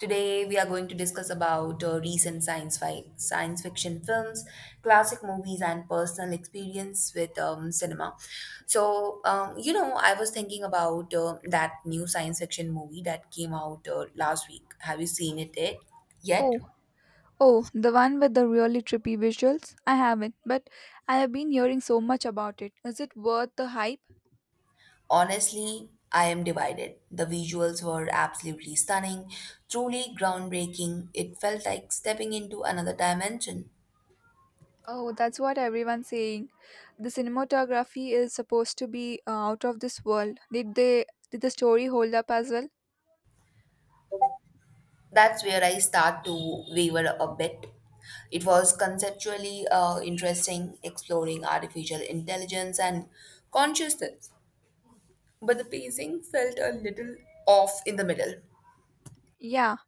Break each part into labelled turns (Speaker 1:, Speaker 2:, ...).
Speaker 1: Today we are going to discuss about recent science fiction films, classic movies, and personal experience with cinema. I was thinking about that new science fiction movie that came out last week. Have you seen it yet? Yet,
Speaker 2: Oh, oh, the one with the really trippy visuals? I haven't, but I have been hearing so much about it. Is it worth the hype?
Speaker 1: honestly, I am divided. The visuals were absolutely stunning, truly groundbreaking. It felt like stepping into another dimension.
Speaker 2: Oh, that's what everyone's saying. The cinematography is supposed to be out of this world. Did the story hold up as well?
Speaker 1: That's where I start to waver a bit. It was conceptually interesting exploring artificial intelligence and consciousness, but the pacing felt a little off in the middle.
Speaker 2: Yeah,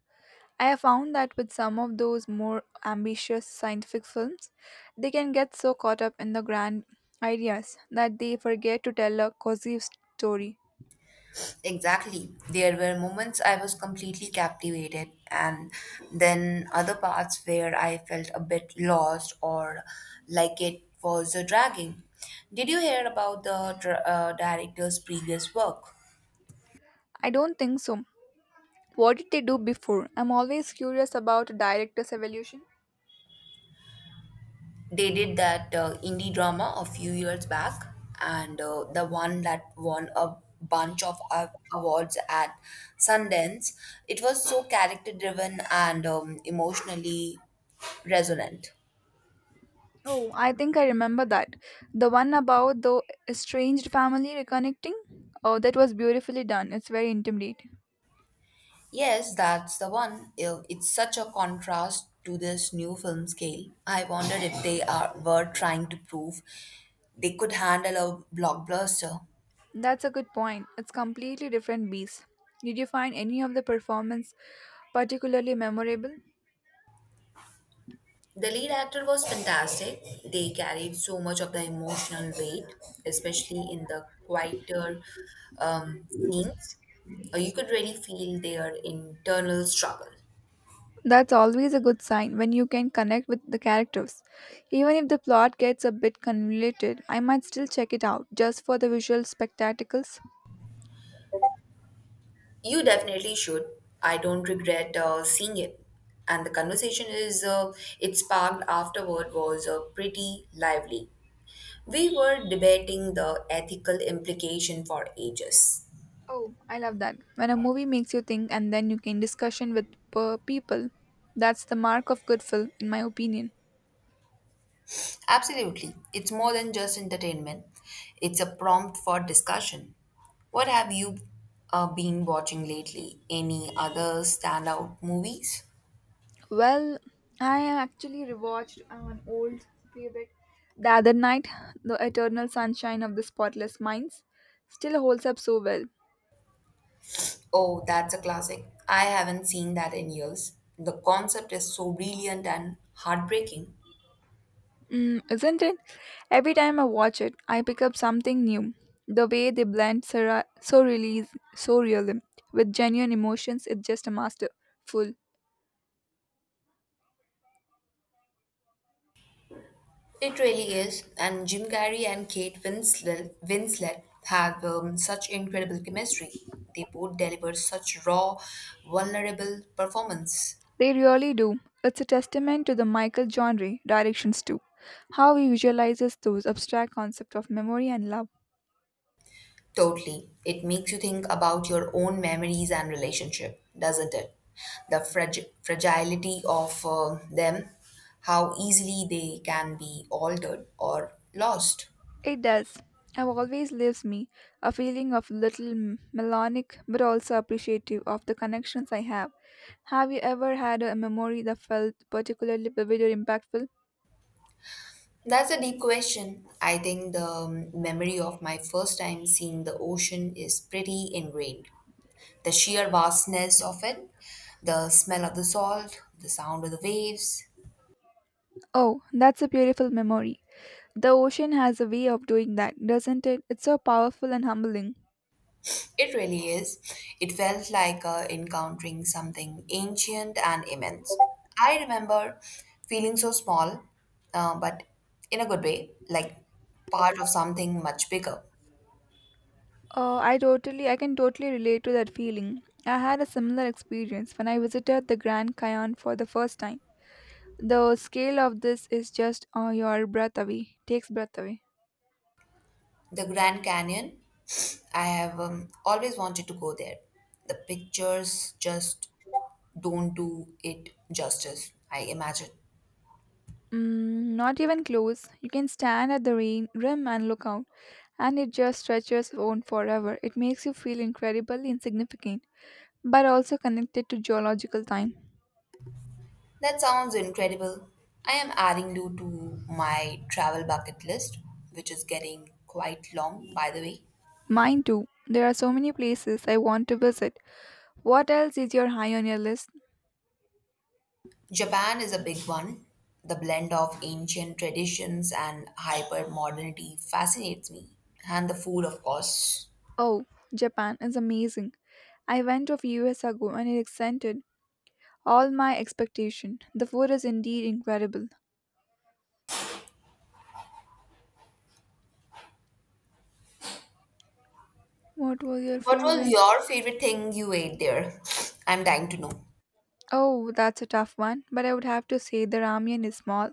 Speaker 2: I have found that with some of those more ambitious scientific films, they can get so caught up in the grand ideas that they forget to tell a cozy story.
Speaker 1: Exactly. There were moments I was completely captivated, and then other parts where I felt a bit lost or like it was dragging. Did you hear about the director's previous work?
Speaker 2: I don't think so. What did they do before? I'm always curious about a director's evolution.
Speaker 1: They did that indie drama a few years back, and the one that won a bunch of awards at Sundance. It was so character driven and emotionally resonant.
Speaker 2: Oh, I think I remember that. The one about the estranged family reconnecting? Oh, that was beautifully done. It's very intimate.
Speaker 1: Yes, that's the one. It's such a contrast to this new film scale. I wondered if they are were trying to prove they could handle a blockbuster.
Speaker 2: That's a good point. It's completely different beast. Did you find any of the performance particularly memorable?
Speaker 1: The lead actor was fantastic. They carried so much of the emotional weight, especially in the quieter um, scenes. You could really feel their internal struggle.
Speaker 2: That's always a good sign when you can connect with the characters. Even if the plot gets a bit convoluted, I might still check it out just for the visual spectacles.
Speaker 1: You definitely should. I don't regret seeing it. And the conversation is it sparked afterward was pretty lively. We were debating the ethical implication for ages.
Speaker 2: Oh, I love that. When a movie makes you think and then you can discussion with per people, that's the mark of good film, in my opinion.
Speaker 1: Absolutely. It's more than just entertainment, it's a prompt for discussion. What have you been watching lately? Any other standout movies?
Speaker 2: Well, I actually rewatched an old favorite the other night. The Eternal Sunshine of the Spotless Minds still holds up so well,
Speaker 1: Oh, that's a classic. I haven't seen that in years. The concept is so brilliant and heartbreaking.
Speaker 2: mm, isn't it? Every time I watch it, I pick up something new. The way they blend surrealism with genuine emotions is just a masterful.
Speaker 1: It really is. And Jim Carrey and Kate Winslet have such incredible chemistry. They both deliver such raw, vulnerable performance.
Speaker 2: They really do. It's a testament to the Michael genre directions too. How he visualizes those abstract concepts of memory and love.
Speaker 1: Totally. It makes you think about your own memories and relationship, doesn't it? The fragility of them, how easily they can be altered or lost.
Speaker 2: It does. It always leaves me a feeling of little melodic but also appreciative of the connections I have. Have you ever had a memory that felt particularly vivid or impactful?
Speaker 1: That's a deep question. I think the memory of my first time seeing the ocean is pretty ingrained. The sheer vastness of it, the smell of the salt, the sound of the waves.
Speaker 2: Oh, that's a beautiful memory. The ocean has a way of doing that, doesn't it? It's so powerful and humbling.
Speaker 1: It really is. It felt like encountering something ancient and immense. I remember feeling so small, but in a good way, like part of something much bigger.
Speaker 2: I can totally relate to that feeling. I had a similar experience when I visited the Grand Canyon for the first time. The scale of this is just your takes breath away.
Speaker 1: The Grand Canyon, I have always wanted to go there. The pictures just don't do it justice, I imagine.
Speaker 2: Mm, not even close. You can stand at the rim and look out, and it just stretches on forever. It makes you feel incredibly insignificant, but also connected to geological time.
Speaker 1: That sounds incredible. I am adding you to my travel bucket list, which is getting quite long, by the way.
Speaker 2: Mine too. There are so many places I want to visit. What else is your high on your list?
Speaker 1: Japan is a big one. The blend of ancient traditions and hyper modernity fascinates me. And the food, of course.
Speaker 2: Oh, Japan is amazing. I went a few years ago and it exceeded all my expectation. The food is indeed incredible. What was your
Speaker 1: What was
Speaker 2: favorite?
Speaker 1: your favorite thing you ate there? I'm dying to know.
Speaker 2: Oh, that's a tough one, but I would have to say the ramen is small,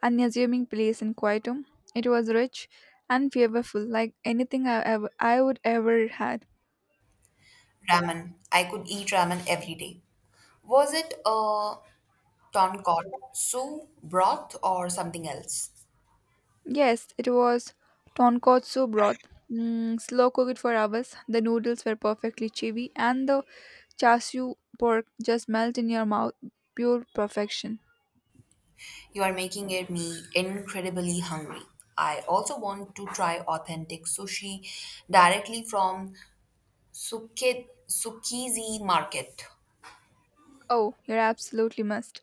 Speaker 2: unassuming place in Kyoto. It was rich and flavorful, like anything I would ever had.
Speaker 1: Ramen. I could eat ramen every day. Was it a tonkotsu broth or something else?
Speaker 2: Yes, it was tonkotsu broth. Mm, slow cooked for hours. The noodles were perfectly chewy, and the Chashu pork just melt in your mouth, pure perfection.
Speaker 1: You are making it me incredibly hungry. I also want to try authentic sushi directly from Tsukiji market.
Speaker 2: Oh, you absolutely must.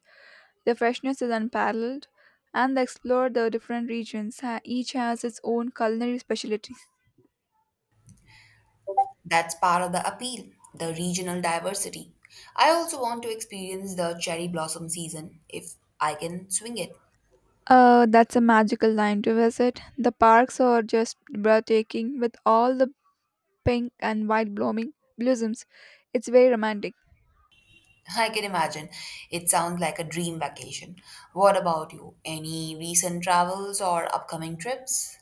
Speaker 2: The freshness is unparalleled, and they explore the different regions. Each has its own culinary specialties.
Speaker 1: That's part of the appeal, the regional diversity. I also want to experience the cherry blossom season if I can swing it.
Speaker 2: That's a magical time to visit. The parks are just breathtaking with all the pink and white blooming blossoms. It's very romantic.
Speaker 1: I can imagine. It sounds like a dream vacation. What about you? Any recent travels or upcoming trips?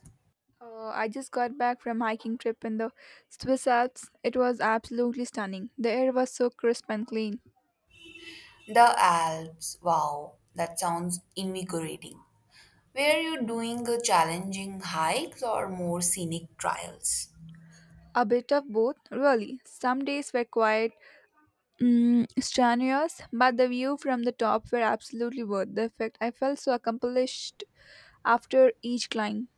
Speaker 2: I just got back from hiking trip in the Swiss Alps. It was absolutely stunning. The air was so crisp and clean.
Speaker 1: The Alps. Wow, that sounds invigorating. Were you doing challenging hikes or more scenic trials?
Speaker 2: A bit of both, really. Some days were quite mm, strenuous, but the view from the top were absolutely worth the effort. I felt so accomplished after each climb.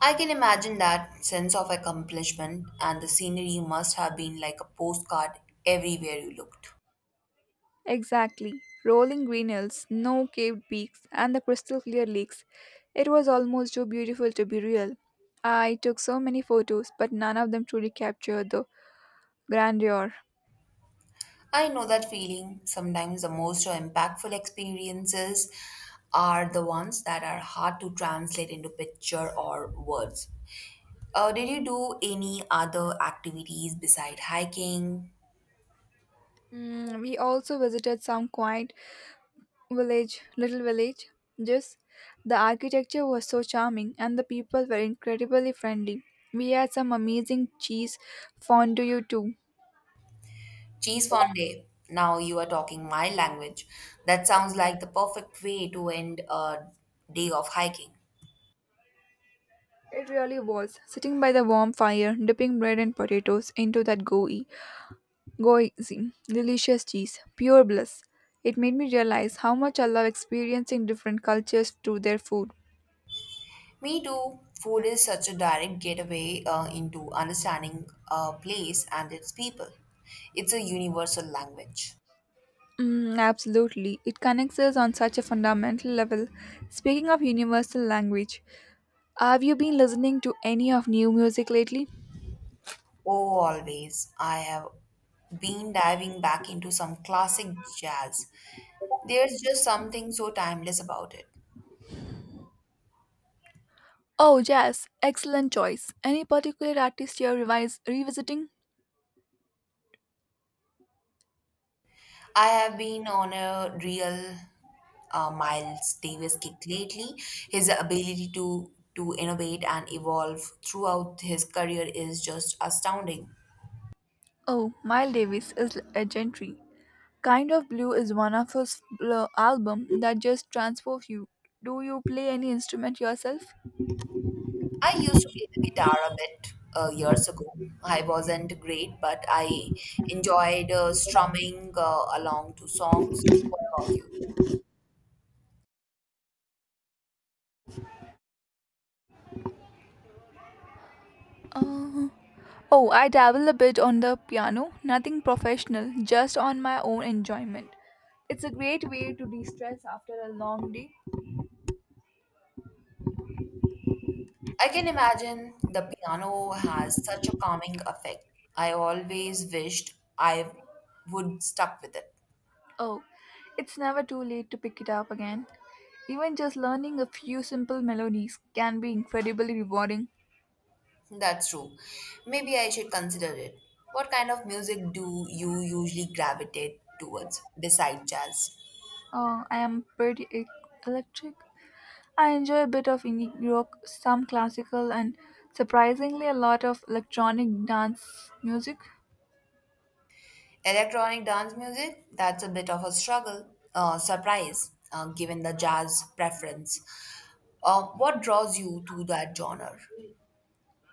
Speaker 1: I can imagine that sense of accomplishment, and the scenery must have been like a postcard everywhere you looked.
Speaker 2: Exactly. Rolling green hills, no caved peaks, and the crystal clear lakes. It was almost too beautiful to be real. I took so many photos, but none of them truly captured the grandeur.
Speaker 1: I know that feeling. Sometimes the most impactful experiences are the ones that are hard to translate into picture or words. Did you do any other activities beside hiking?
Speaker 2: Mm, we also visited some little village. Just the architecture was so charming and the people were incredibly friendly. We had some amazing cheese fondue too.
Speaker 1: Cheese fondue. Now you are talking my language. That sounds like the perfect way to end a day of hiking.
Speaker 2: It really was. Sitting by the warm fire, dipping bread and potatoes into that gooey, delicious cheese, pure bliss. It made me realize how much I love experiencing different cultures through their food.
Speaker 1: Me too. Food is such a direct gateway into understanding a place and its people. It's a universal language.
Speaker 2: Mm, absolutely. It connects us on such a fundamental level. Speaking of universal language, have you been listening to any of new music lately?
Speaker 1: Oh, always. I have been diving back into some classic jazz. There's just something so timeless about it.
Speaker 2: Oh, jazz. Excellent choice. Any particular artist you're revisiting?
Speaker 1: I have been on a real Miles Davis kick lately. His ability to innovate and evolve throughout his career is just astounding.
Speaker 2: Oh, Miles Davis is legendary. Kind of Blue is one of his albums that just transports you. Do you play any instrument yourself?
Speaker 1: I used to play the guitar a bit years ago. I wasn't great, but I enjoyed strumming along to songs. What about you?
Speaker 2: Uh, oh, I dabble a bit on the piano. Nothing professional, just on my own enjoyment. It's a great way to de-stress after a long day.
Speaker 1: I can imagine the piano has such a calming effect. I always wished I would stuck with it.
Speaker 2: Oh, it's never too late to pick it up again. Even just learning a few simple melodies can be incredibly rewarding.
Speaker 1: That's true. Maybe I should consider it. What kind of music do you usually gravitate towards besides jazz?
Speaker 2: Oh, I am pretty electric. I enjoy a bit of indie rock, some classical, and surprisingly a lot of electronic dance music.
Speaker 1: Electronic dance music, that's a bit of a struggle, surprise, given the jazz preference. What draws you to that genre?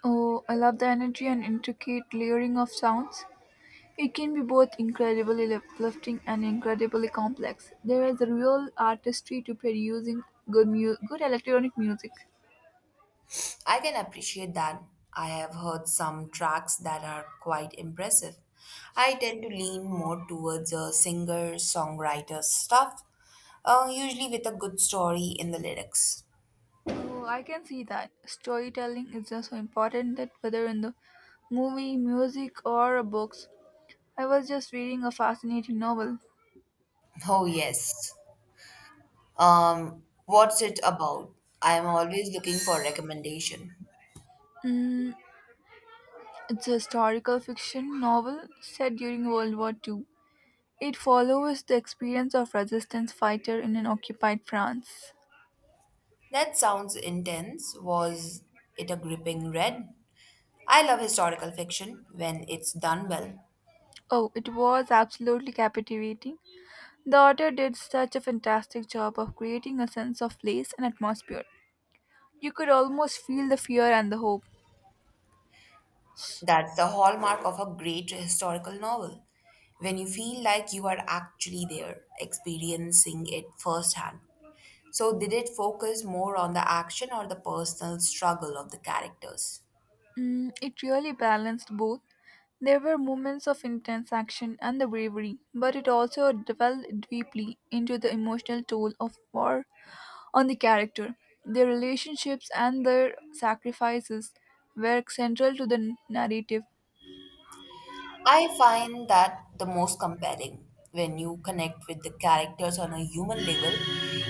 Speaker 2: Oh, I love the energy and intricate layering of sounds. It can be both incredibly uplifting and incredibly complex. There is a real artistry to producing good electronic music.
Speaker 1: I can appreciate that. I have heard some tracks that are quite impressive. I tend to lean more towards a singer songwriter stuff, usually with a good story in the lyrics.
Speaker 2: Oh, I can see that. Storytelling is just so important that whether in the movie, music, or books. I was just reading a fascinating novel.
Speaker 1: Oh, yes. What's it about? I am always looking for recommendation.
Speaker 2: Mm, it's a historical fiction novel set during World War II. It follows the experience of resistance fighter in an occupied France.
Speaker 1: That sounds intense. Was it a gripping read? I love historical fiction when it's done well.
Speaker 2: Oh, it was absolutely captivating. The author did such a fantastic job of creating a sense of place and atmosphere. You could almost feel the fear and the hope.
Speaker 1: That's the hallmark of a great historical novel. When you feel like you are actually there, experiencing it firsthand. So, did it focus more on the action or the personal struggle of the characters?
Speaker 2: Mm, it really balanced both. There were moments of intense action and the bravery, but it also delved deeply into the emotional toll of war on the character. Their relationships and their sacrifices were central to the narrative.
Speaker 1: I find that the most compelling when you connect with the characters on a human level,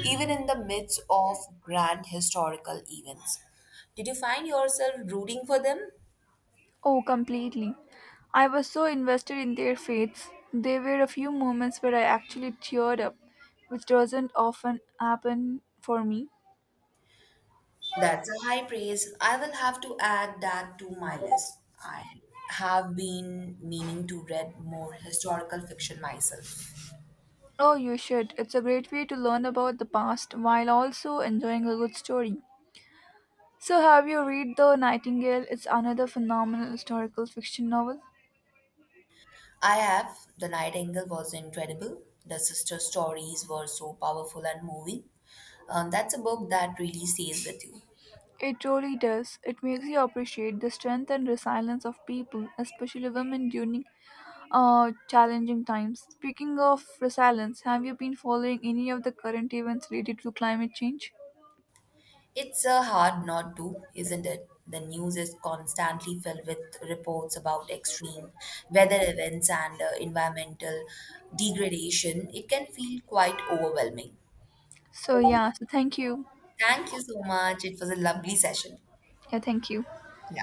Speaker 1: even in the midst of grand historical events. Did you find yourself rooting for them?
Speaker 2: Oh, completely. I was so invested in their fates. There were a few moments where I actually teared up, which doesn't often happen for me.
Speaker 1: That's a high praise. I will have to add that to my list. I have been meaning to read more historical fiction myself.
Speaker 2: Oh, you should. It's a great way to learn about the past while also enjoying a good story. So, have you read The Nightingale? It's another phenomenal historical fiction novel.
Speaker 1: I have. The Nightingale was incredible. The sister stories were so powerful and moving. That's a book that really stays with you.
Speaker 2: It truly does. It makes you appreciate the strength and resilience of people, especially women during challenging times. Speaking of resilience, have you been following any of the current events related to climate change?
Speaker 1: It's a hard not to, isn't it? The news is constantly filled with reports about extreme weather events and environmental degradation. It can feel quite overwhelming.
Speaker 2: So, yeah, so thank you.
Speaker 1: Thank you so much. It was a lovely session.
Speaker 2: Yeah, thank you.
Speaker 1: Yeah.